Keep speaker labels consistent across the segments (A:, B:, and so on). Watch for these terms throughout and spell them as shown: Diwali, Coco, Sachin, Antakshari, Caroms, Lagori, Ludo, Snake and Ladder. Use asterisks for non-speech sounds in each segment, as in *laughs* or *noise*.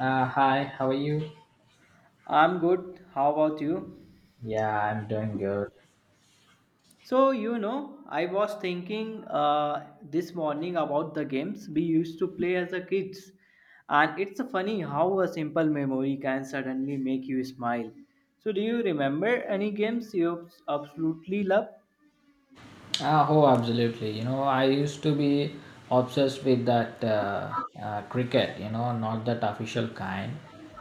A: Hi, how are you?
B: I'm good. How about you?
A: Yeah, I'm doing good.
B: So, you know, I was thinking this morning about the games we used to play as a kids. And it's funny how a simple memory can suddenly make you smile. So, do you remember any games you absolutely love?
A: Oh, Absolutely. You know, I used to be obsessed with that cricket, you know, not that official kind,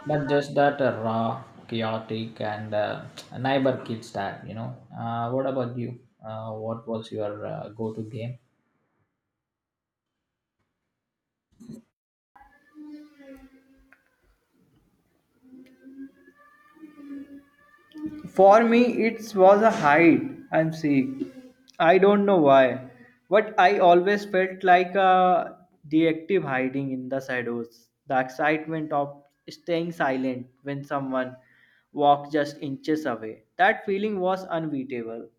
A: but just that raw, chaotic, and *tsk* neighbor kids type, you know. What about you? What was your go to game?
B: For me, it was a hide I'm seek. I don't know why, but I always felt like a deactive hiding in the shadows. The excitement of staying silent when someone walked just inches away. That feeling was unbeatable.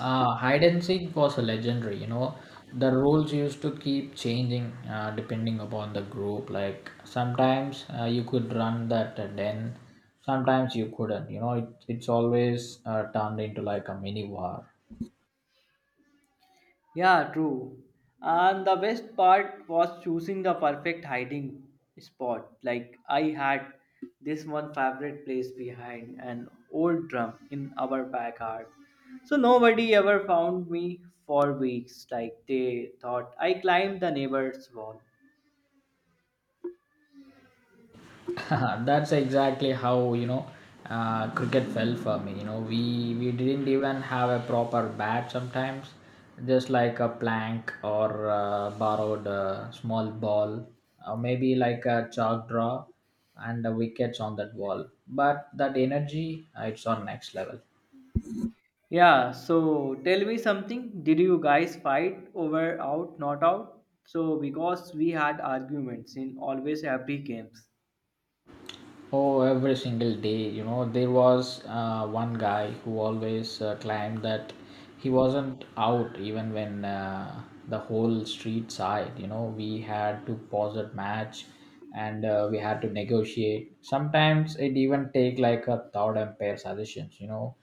A: Hide and seek was a legendary, you know. The rules used to keep changing depending upon the group. Like sometimes you could run that den, sometimes you couldn't. You know, it's always turned into like a mini war.
B: Yeah, true. And the best part was choosing the perfect hiding spot. Like I had this one favorite place behind an old drum in our backyard. So nobody ever found me for weeks. Like they thought I climbed the neighbor's wall.
A: *laughs* That's exactly how cricket felt for me. You know, we didn't even have a proper bat sometimes, just like a plank or borrowed small ball, or maybe like a chalk draw, and the wickets on that wall. But that energy, it's on next level.
B: Yeah, so tell me something. Did you guys fight over out, not out? So because we had arguments in always every games.
A: Oh, every single day, you know, there was one guy who always claimed that he wasn't out even when the whole street sighed. You know, we had to pause that match and we had to negotiate. Sometimes it even take like a third umpire suggestions, you know,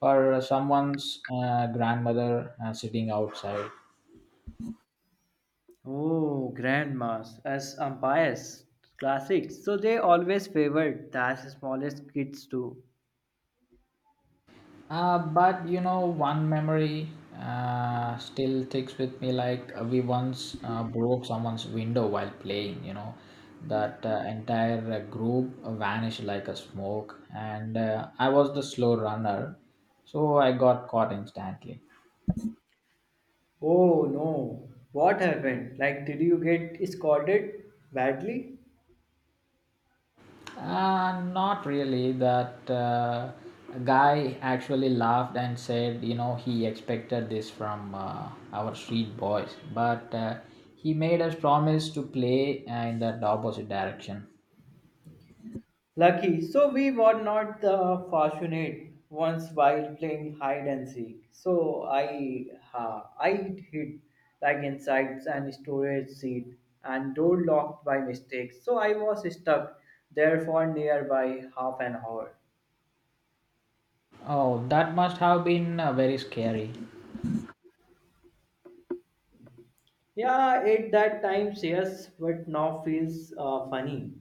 A: for someone's grandmother sitting outside.
B: Oh, grandmas as umpires, classics. So they always favored the smallest kids too.
A: But you know, one memory still sticks with me. Like we once broke someone's window while playing. You know, that entire group vanished like a smoke, and I was the slow runner, so I got caught instantly.
B: Oh no, what happened? Like, did you get scolded badly?
A: Not really. That guy actually laughed and said, you know, he expected this from our street boys, but he made us promise to play in the opposite direction.
B: Lucky, so we were not the fortunate ones while playing hide and seek. So I hid like inside an storage seat and door locked by mistake. So I was stuck there for nearby half an hour.
A: Oh, that must have been very scary.
B: Yeah, at that times, yes, but now feels funny.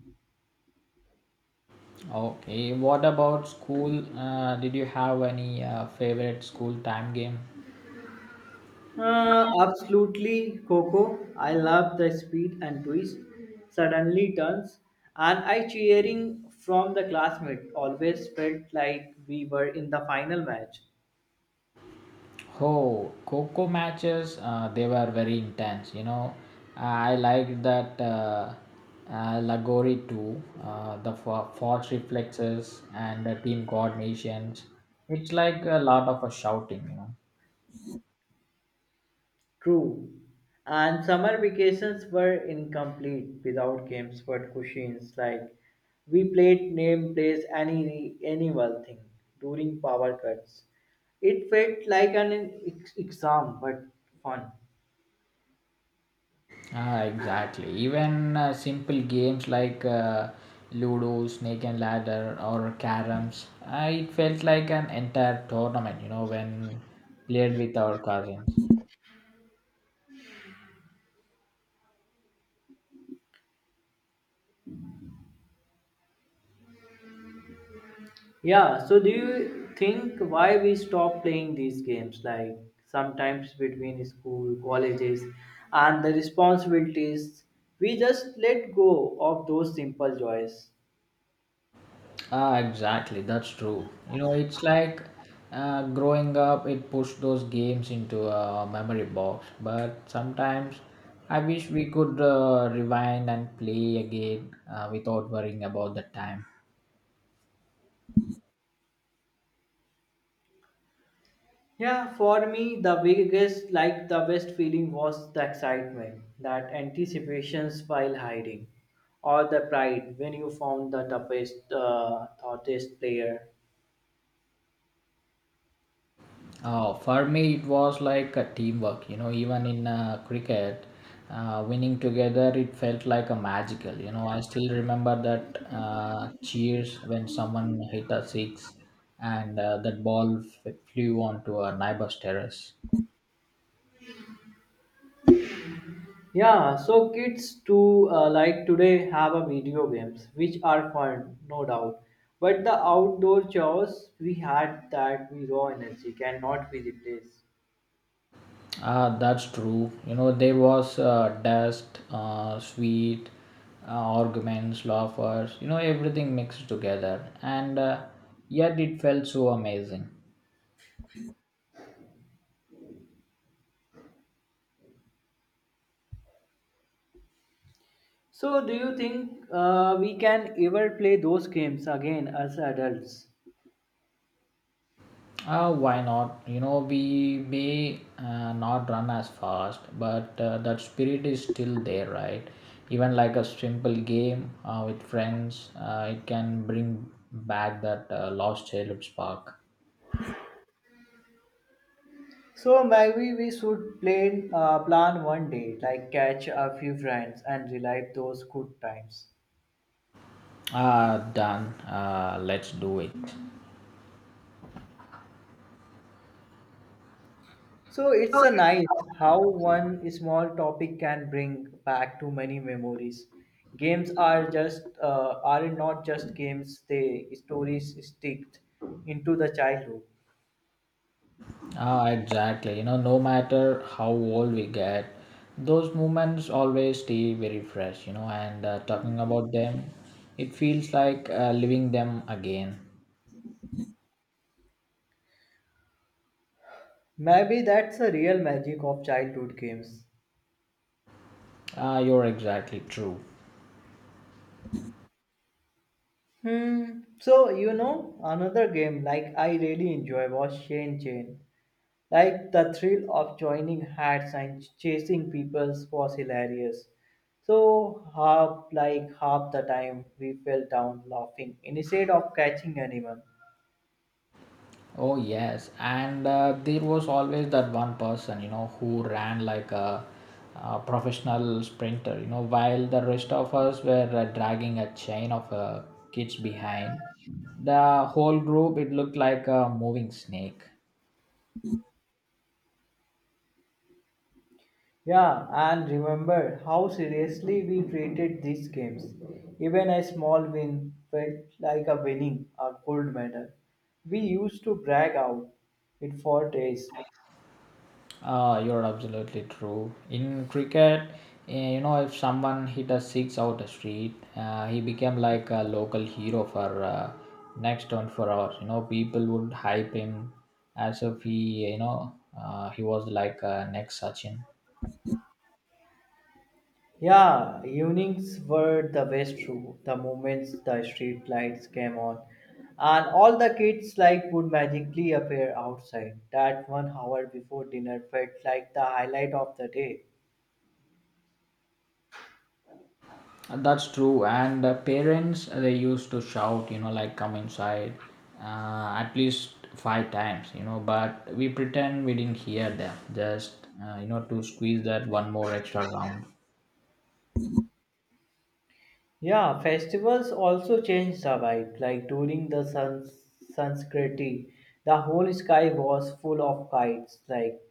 A: Okay, what about school? Did you have any favorite school time game?
B: Absolutely, Coco. I love the speed and twist. Suddenly turns, and I cheering from the classmate. Always felt like we were in the final match.
A: Oh, Coco matches, they were very intense. You know, I liked that Lagori too, the force reflexes and the team coordinations. It's like a lot of a shouting, you know.
B: True. And summer vacations were incomplete without games but cushions. Like we played name plays any annual thing during power cuts. It felt like an exam but fun.
A: Ah, exactly. Even simple games like Ludo, Snake and Ladder, or Caroms, it felt like an entire tournament, you know, when played with our cousins.
B: Yeah, so do you think why we stop playing these games like sometimes between school, colleges and the responsibilities we just let go of those simple joys.
A: Ah, exactly. That's true. You know, it's like growing up, it pushed those games into a memory box. But sometimes I wish we could rewind and play again without worrying about the time.
B: Yeah, for me, the biggest, like the best feeling was the excitement, that anticipations while hiding, or the pride when you found the toughest, hottest player.
A: Oh, for me, it was like a teamwork. You know, even in cricket, winning together, it felt like a magical. You know, I still remember that cheers when someone hit a six and that ball flew onto a neighbor's terrace.
B: Yeah, so kids too, like today, have a video games, which are fun, no doubt. But the outdoor chores we had that we raw energy cannot be replaced.
A: Ah, that's true. You know, there was dust, sweet, arguments, laughers, you know, everything mixed together. And yet it felt so amazing.
B: So, do you think we can ever play those games again as adults?
A: Why not? You know, we may not run as fast, but that spirit is still there, right? Even like a simple game with friends, it can bring back that lost childhood spark.
B: So maybe we should plan one day, like catch a few friends and relive those good times.
A: Ah, done. Let's do it.
B: So it's a nice how one small topic can bring back too many memories. Games are not just games; they stories sticked into the childhood.
A: Ah, exactly. You know, no matter how old we get, those moments always stay very fresh, you know, and talking about them, it feels like living them again.
B: Maybe that's the real magic of childhood games.
A: You're exactly true.
B: Hmm. So you know another game like I really enjoy was Shane Chain. Like the thrill of joining hats and chasing people was hilarious. So half the time we fell down laughing instead of catching anyone.
A: Oh yes, and there was always that one person, you know, who ran like a professional sprinter, you know, while the rest of us were dragging a chain of kids behind. The whole group, it looked like a moving snake.
B: Yeah, and remember how seriously we treated these games. Even a small win felt like a winning a gold medal. We used to brag out it for days.
A: You're absolutely true. In cricket, you know, if someone hit a six out the street, he became like a local hero for next 24 hours. You know, people would hype him as if he, you know, he was like next Sachin.
B: Yeah, evenings were the best too. The moments the street lights came on, and all the kids like would magically appear outside. That 1 hour before dinner felt like the highlight of the day.
A: That's true. And parents, they used to shout, you know, like come inside at least five times, you know, but we pretend we didn't hear them just, you know, to squeeze that one more extra round.
B: Yeah, festivals also change the vibe. Like during the sun Sanskriti, the whole sky was full of kites. Like,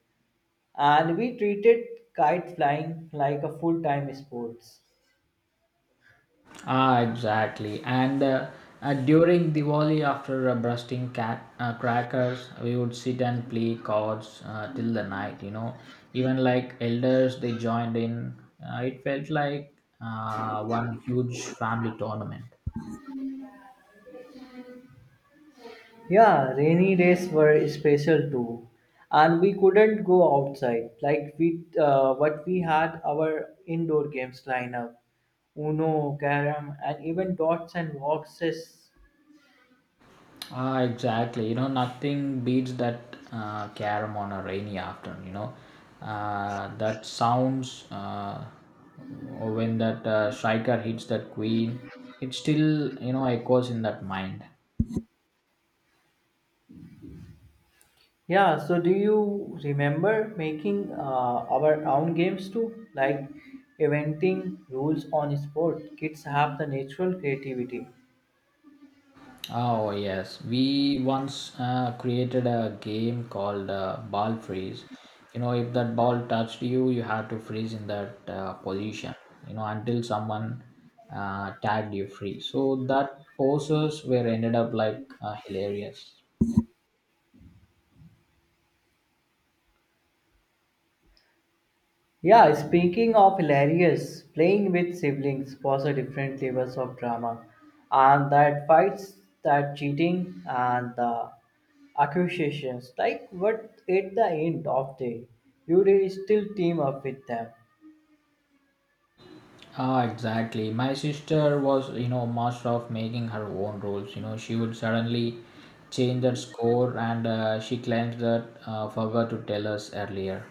B: and we treated kite flying like a full-time sports.
A: Ah, exactly. And during Diwali, after busting crackers, we would sit and play cards till the night, you know. Even like elders, they joined in. It felt like one huge family tournament.
B: Yeah, rainy days were special too, and we couldn't go outside. Like what we had our indoor games lineup, Uno, Carom, and even dots and boxes.
A: Ah, exactly. You know, nothing beats that carom on a rainy afternoon. You know, that sounds when that striker hits that queen, it still you know echoes in that mind.
B: Yeah. So, do you remember making our own games too, like inventing rules on sport? Kids have the natural creativity.
A: Oh yes, we once created a game called ball freeze. You know, if that ball touched you, you had to freeze in that position. You know, until someone tagged you free. So that poses were ended up like hilarious.
B: Yeah, speaking of hilarious, playing with siblings was a different levels of drama, and that fights, that cheating, and the accusations. Like, what at the end of day, you will still team up with them.
A: Ah, exactly. My sister was, you know, master of making her own rules. You know, she would suddenly change that score, and she claims that forgot to tell us earlier.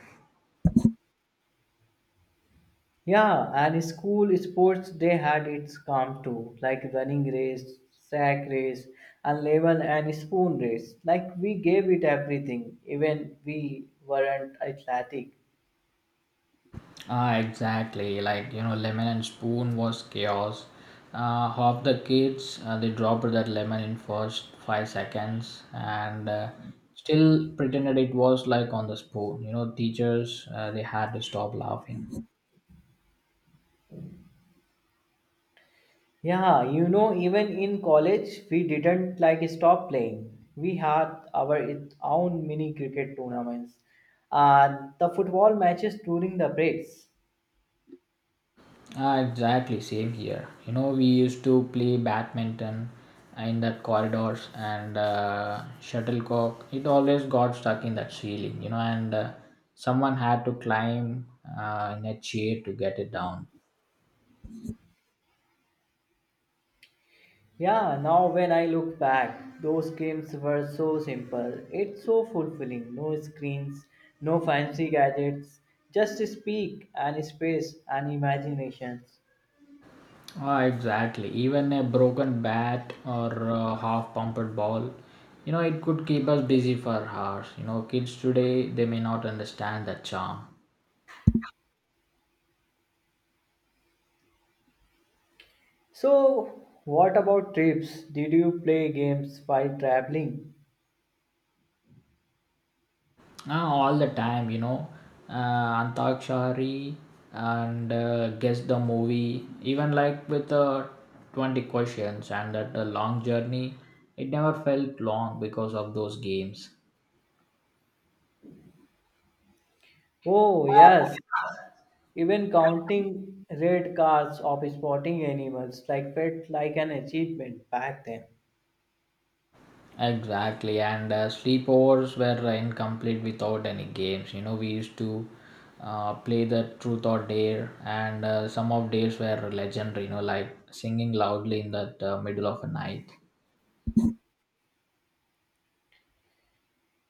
B: Yeah, and school sports they had its calm too, like running race, sack race, and level and spoon race. Like we gave it everything, even we weren't athletic.
A: Ah, exactly. Like, you know, lemon and spoon was chaos. Half the kids, they dropped that lemon in first 5 seconds and still pretended it was like on the spoon. You know, teachers, they had to stop laughing.
B: Yeah, you know, even in college, we didn't like stop playing. We had our own mini cricket tournaments and the football matches during the breaks.
A: Ah, exactly, same here. You know, we used to play badminton in that corridors and shuttlecock. It always got stuck in that ceiling, you know, and someone had to climb in a chair to get it down.
B: Yeah, now when I look back, those games were so simple. It's so fulfilling. No screens, no fancy gadgets, just speak and space and imaginations.
A: Ah, exactly. Even a broken bat or a half-pumped ball, you know, it could keep us busy for hours. You know, kids today they may not understand that charm.
B: So, what about trips? Did you play games while traveling?
A: Ah, all the time, you know. Uh, Antakshari and guess the movie, even like with 20 questions and that long journey, it never felt long because of those games.
B: Oh, yes. Even counting red cards of spotting animals like felt like an achievement back then.
A: Exactly, and sleepovers were incomplete without any games. You know, we used to play the truth or dare, and some of days were legendary, you know, like singing loudly in the middle of a night.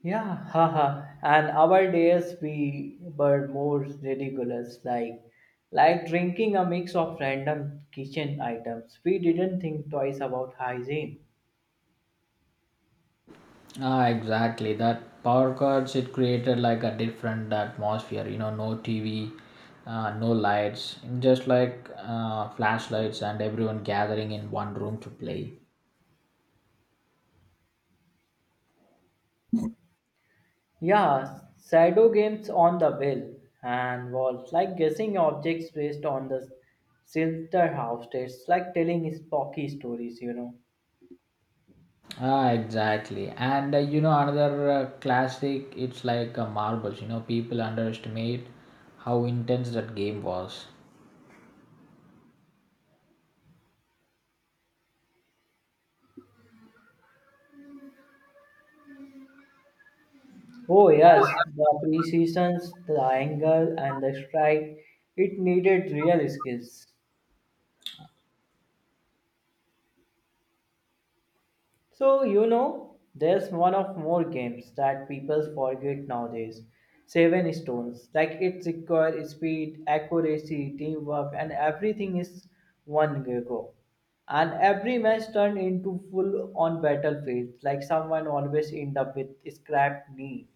B: Yeah, *laughs* haha. And our days we were more ridiculous, like drinking a mix of random kitchen items. We didn't think twice about hygiene.
A: Ah, exactly. That power cuts it created like a different atmosphere. You know, no TV, no lights, just like flashlights and everyone gathering in one room to play.
B: Yeah, shadow games on the wall and walls, like guessing objects based on the shelter house. It's like telling spooky stories.
A: Ah, exactly. And you know, another classic. It's like marbles. You know, people underestimate how intense that game was.
B: Oh yes, the pre-seasons, the angle, and the strike. It needed real skills. So there's one of more games that people forget nowadays. Seven stones. Like it requires speed, accuracy, teamwork, and everything is one go. And every match turned into full on battlefield. Like someone always end up with scrapped knee.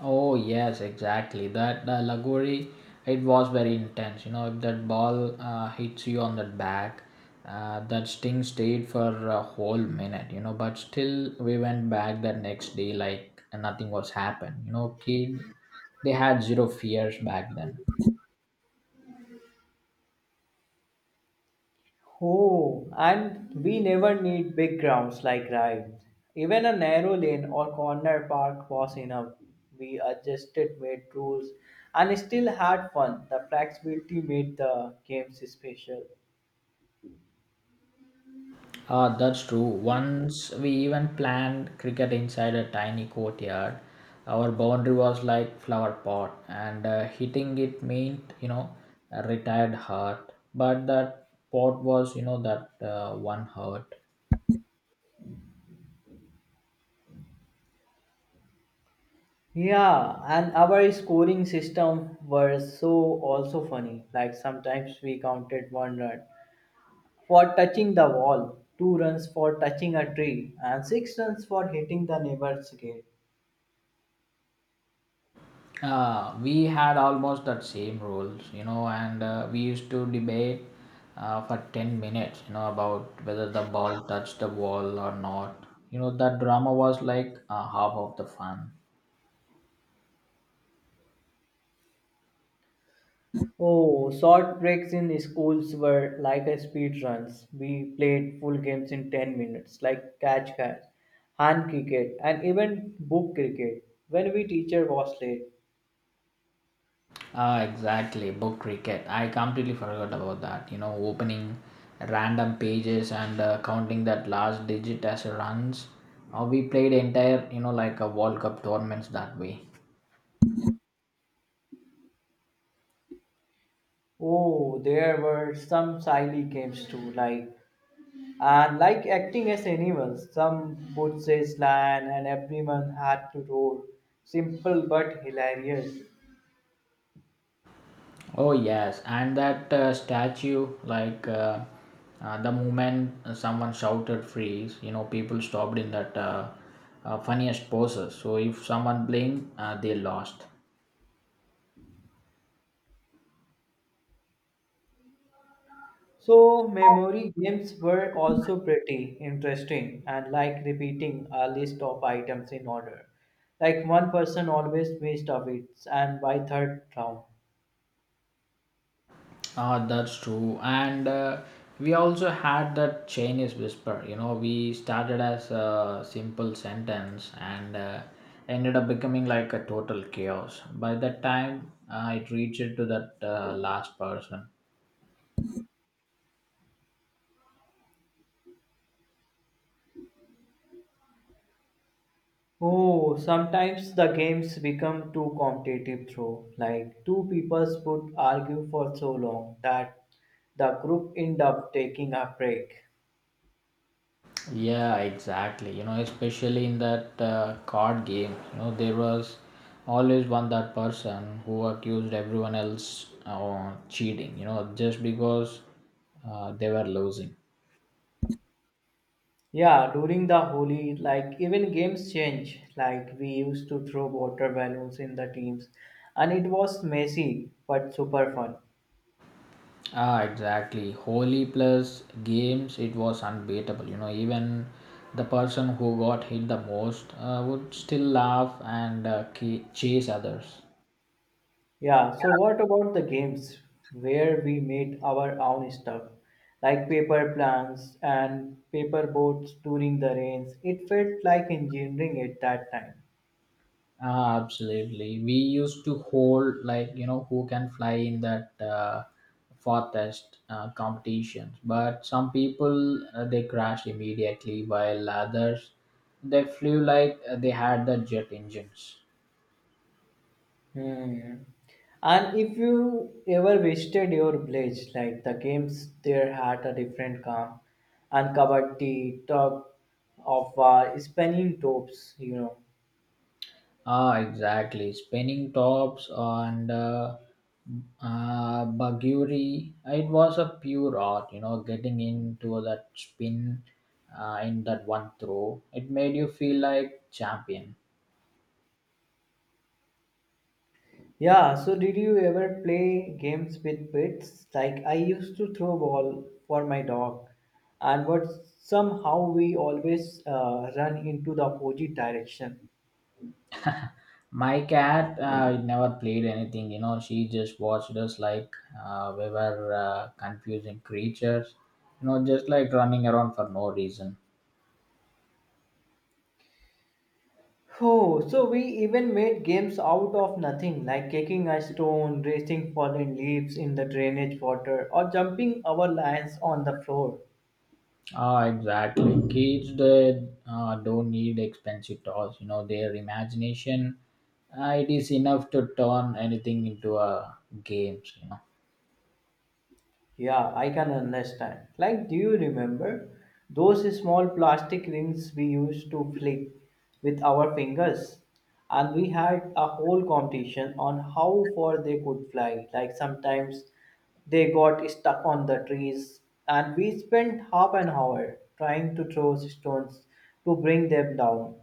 A: Oh yes, exactly. That the Lagori, it was very intense. You know, if that ball hits you on the back, that sting stayed for a whole minute. You know, but still we went back the next day like nothing was happened. You know, kid, they had zero fears back then.
B: Oh, and we never need big grounds like Rai. Even a narrow lane or corner park was enough. We adjusted, made rules, and still had fun. The flexibility made the games special.
A: Ah, that's true. Once we even planned cricket inside a tiny courtyard. Our boundary was like flower pot, and hitting it meant you know a retired heart. But that pot was you know that one heart.
B: Yeah, and our scoring system were so also funny. Like sometimes we counted one run for touching the wall, two runs for touching a tree, and six runs for hitting the neighbor's gate.
A: We had almost that same rules, you know, and we used to debate for 10 minutes, you know, about whether the ball touched the wall or not. You know, that drama was like half of the fun.
B: Oh, short breaks in schools were like a speed runs. We played full games in 10 minutes, like catch catch, hand cricket, and even book cricket. When we teacher was late,
A: Ah, exactly. Book cricket. I completely forgot about that. You know, opening random pages and counting that last digit as runs. We played entire, you know, like a World Cup tournaments that way.
B: oh, there were some silly games too, like acting as animals. Some would say slang, and everyone had to roar. Simple but hilarious.
A: Oh yes, and that statue, like the moment someone shouted freeze, you know, people stopped in that funniest poses. So if someone blinked, they lost.
B: So, memory games were also pretty interesting and like repeating a list of items in order. Like one person always missed a bit, and by third round.
A: Ah, that's true. And we also had that Chinese whisper. You know, we started as a simple sentence and ended up becoming like a total chaos. By that time, it reached to that last person.
B: Oh, sometimes the games become too competitive though. Like two peoples would argue for so long that the group end up taking a break.
A: Yeah, exactly. You know, especially in that card game, you know, there was always one that person who accused everyone else of cheating, you know, just because they were losing.
B: Yeah, during the Holi, like even games change. Like we used to throw water balloons in the teams, and it was messy but super fun.
A: Ah, exactly. Holy plus games, it was unbeatable. You know, even the person who got hit the most would still laugh and chase others.
B: Yeah, so what about the games where we made our own stuff, like paper plants and paper boats during the rains? It felt like engineering at that time.
A: Ah, absolutely. We used to hold like you know who can fly in that farthest competitions, but some people they crashed immediately, while others they flew like they had the jet engines.
B: Hmm. And if you ever visited your village, like the games there had a different calm and kabaddi, tug of spinning tops.
A: Ah, exactly. Spinning tops and baguri. It was a pure art, you know, getting into that spin in that one throw. It made you feel like champion.
B: Yeah, so did you ever play games with pets? Like I used to throw ball for my dog, and but somehow we always run into the opposite direction.
A: My cat never played anything, you know. She just watched us like we were confusing creatures, you know, just like running around for no reason.
B: Oh, so we even made games out of nothing, like kicking a stone, racing fallen leaves in the drainage water, or jumping our lines on the floor.
A: Ah, exactly. Kids they don't need expensive toys. You know, their imagination it is enough to turn anything into a games. You know.
B: Yeah, I can understand. Like, do you remember those small plastic rings we used to flick with our fingers? And we had a whole competition on how far they could fly. Like, sometimes they got stuck on the trees, and we spent half an hour trying to throw stones to bring them down.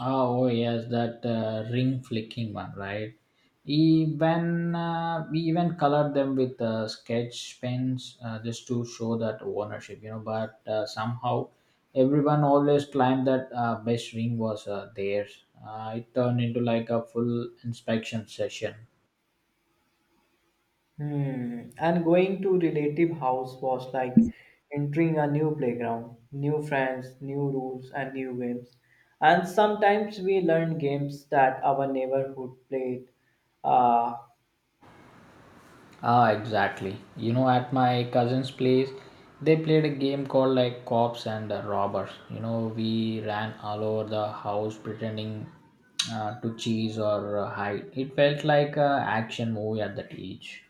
A: Oh yes, that ring flicking one, right? Even we even colored them with sketch pens just to show that ownership. You know, but somehow everyone always claimed that best ring was theirs. It turned into like a full inspection session.
B: Hmm. And going to relative house was like entering a new playground, new friends, new rules, and new games. And sometimes we learned games that our neighborhood played. Uh,
A: Ah, exactly. You know, at my cousin's place, they played a game called like cops and robbers. You know, we ran all over the house pretending to chase or hide. It felt like an action movie at that age.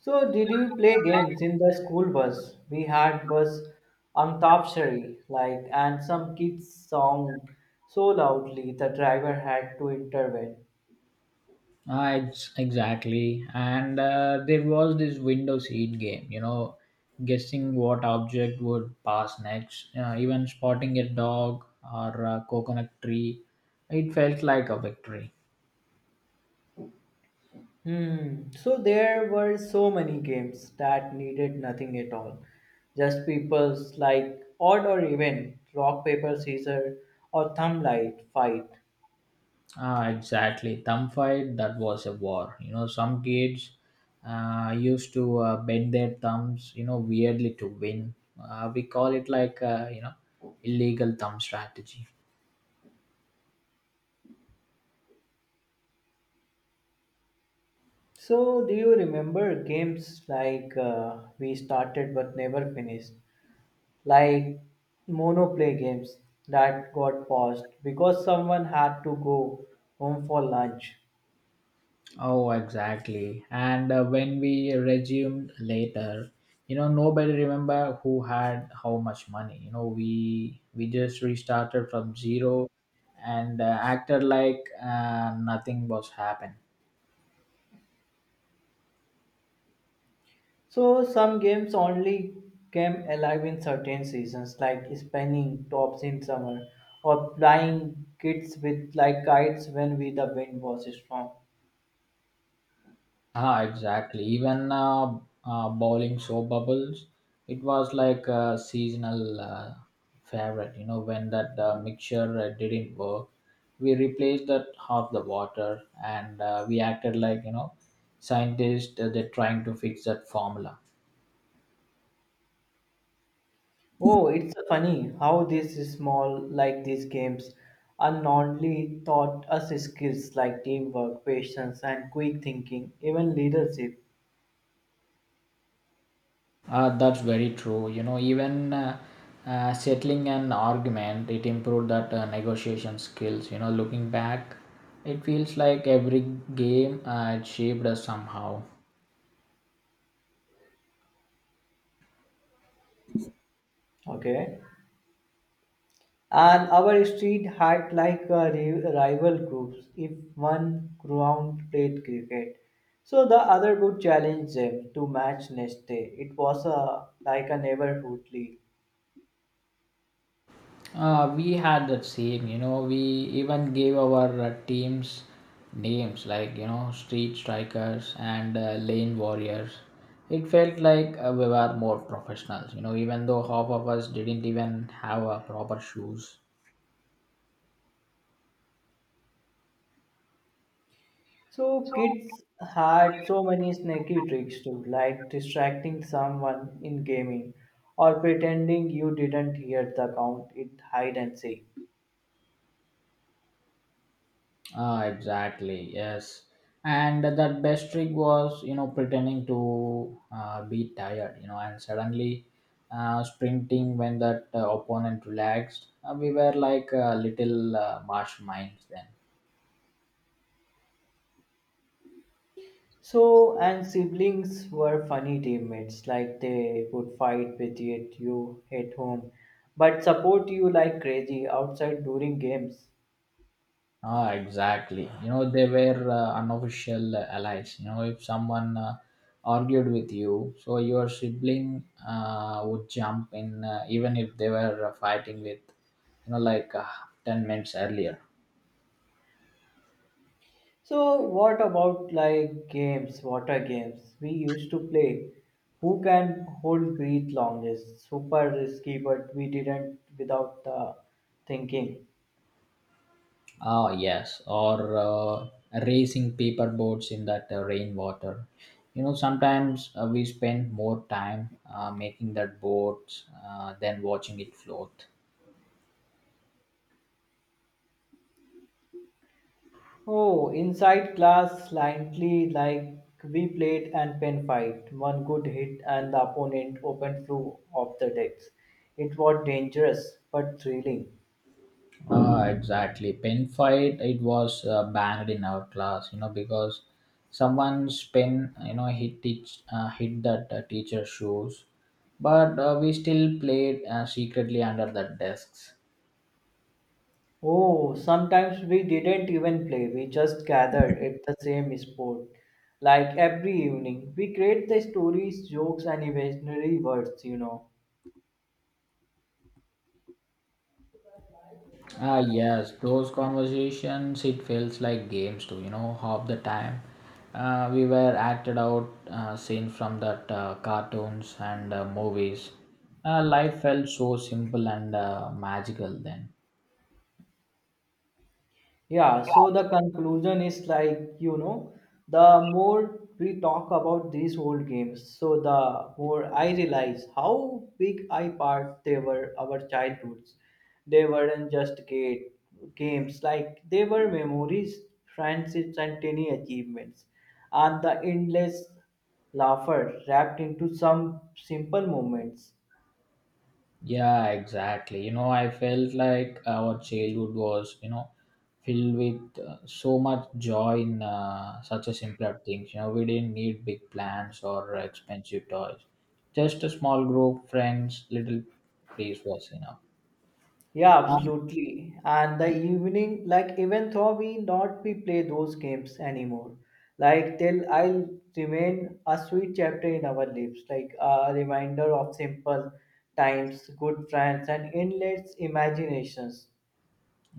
B: so, did you play games in the school bus? We had bus antapshari, like, and some kids song so loudly the driver had to intervene.
A: Exactly. And there was this window seat game. You know, guessing what object would pass next. Even spotting a dog or a coconut tree, it felt like a victory.
B: Hmm. So there were so many games that needed nothing at all. Just people's like odd or even rock paper scissor or thumb light fight.
A: Ah, exactly. Thumb fight, that was a war. You know, some kids used to bend their thumbs, you know, weirdly to win. We call it like, you know, illegal thumb strategy.
B: So do you remember games like we started but never finished, like monoplay games that got paused because someone had to go home for lunch.
A: Oh, exactly. And when we resumed later, you know, nobody remember who had how much money. You know, we just restarted from zero and acted like nothing was happened.
B: So some games only came alive in certain seasons, like spinning tops in summer or flying kites with like kites when we, the wind was strong.
A: Ah, exactly. Even bowling soap bubbles, it was like a seasonal favorite. You know, when that mixture didn't work, we replaced that half the water, and we acted like you know, scientists. They're trying to fix that formula.
B: Oh, it's so funny how these small like these games unknowingly taught us skills like teamwork, patience, and quick thinking, even leadership.
A: That's very true. You know, even settling an argument, it improved that negotiation skills. You know, looking back, it feels like every game it shaped us somehow.
B: Okay. And our street had like a rival groups. If one ground played cricket, so the other would challenge them to match next day. It was a like a neighborhood league.
A: We had that same, you know, we even gave our teams names like, you know, Street Strikers and Lane Warriors. It felt like we were more professionals, you know, even though half of us didn't even have proper shoes.
B: So kids had so many snacky tricks too, like distracting someone in gaming or pretending you didn't hear the count in hide and seek.
A: Ah, exactly. Yes, and that best trick was, you know, pretending to be tired, you know, and suddenly sprinting when that opponent relaxed. We were like little masterminds then.
B: So, and siblings were funny teammates, like they would fight with yet you at home, but support you like crazy outside during games.
A: Ah, exactly. You know, they were unofficial allies. You know, if someone argued with you, so your sibling would jump in, even if they were fighting with, you know, like 10 minutes earlier.
B: So, what about like games, water games we used to play? Who can hold breath longest? Super risky, but we didn't without the thinking.
A: Ah, yes, or racing paper boats in that rainwater. You know, sometimes we spend more time making that boat than watching it float.
B: Oh, inside class slightly like we played and pen fight. One good hit and the opponent opened through off the decks. It was dangerous but thrilling.
A: Ah, exactly. Pen fight, it was banned in our class, you know, because someone's pen hit that teacher's shoes. But we still played secretly under the desks.
B: Oh, sometimes we didn't even play. We just gathered at the same spot. Like every evening, we create the stories, jokes, and imaginary words.
A: Ah, yes, those conversations, it feels like games too, you know, half the time. We were acted out scenes from that cartoons and movies. Life felt so simple and magical then.
B: Yeah, so the conclusion is like, the more we talk about these old games, so the more I realize how big I part they were our childhoods. They weren't just games, like they were memories, friendships, and tiny achievements, and the endless laughter wrapped into some simple moments.
A: Yeah, exactly. You know, I felt like our childhood was, you know, filled with so much joy in such a simpler things. You know, we didn't need big plans or expensive toys. Just a small group, friends, little place was enough.
B: Yeah,
A: Um,
B: absolutely. And the evening, like even though we not we play those games anymore, like till I'll remain a sweet chapter in our lives, like a reminder of simple times, good friends, and endless imaginations.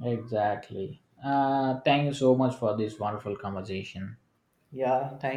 A: exactly. Thank you so much for this wonderful conversation.
B: Yeah, thank.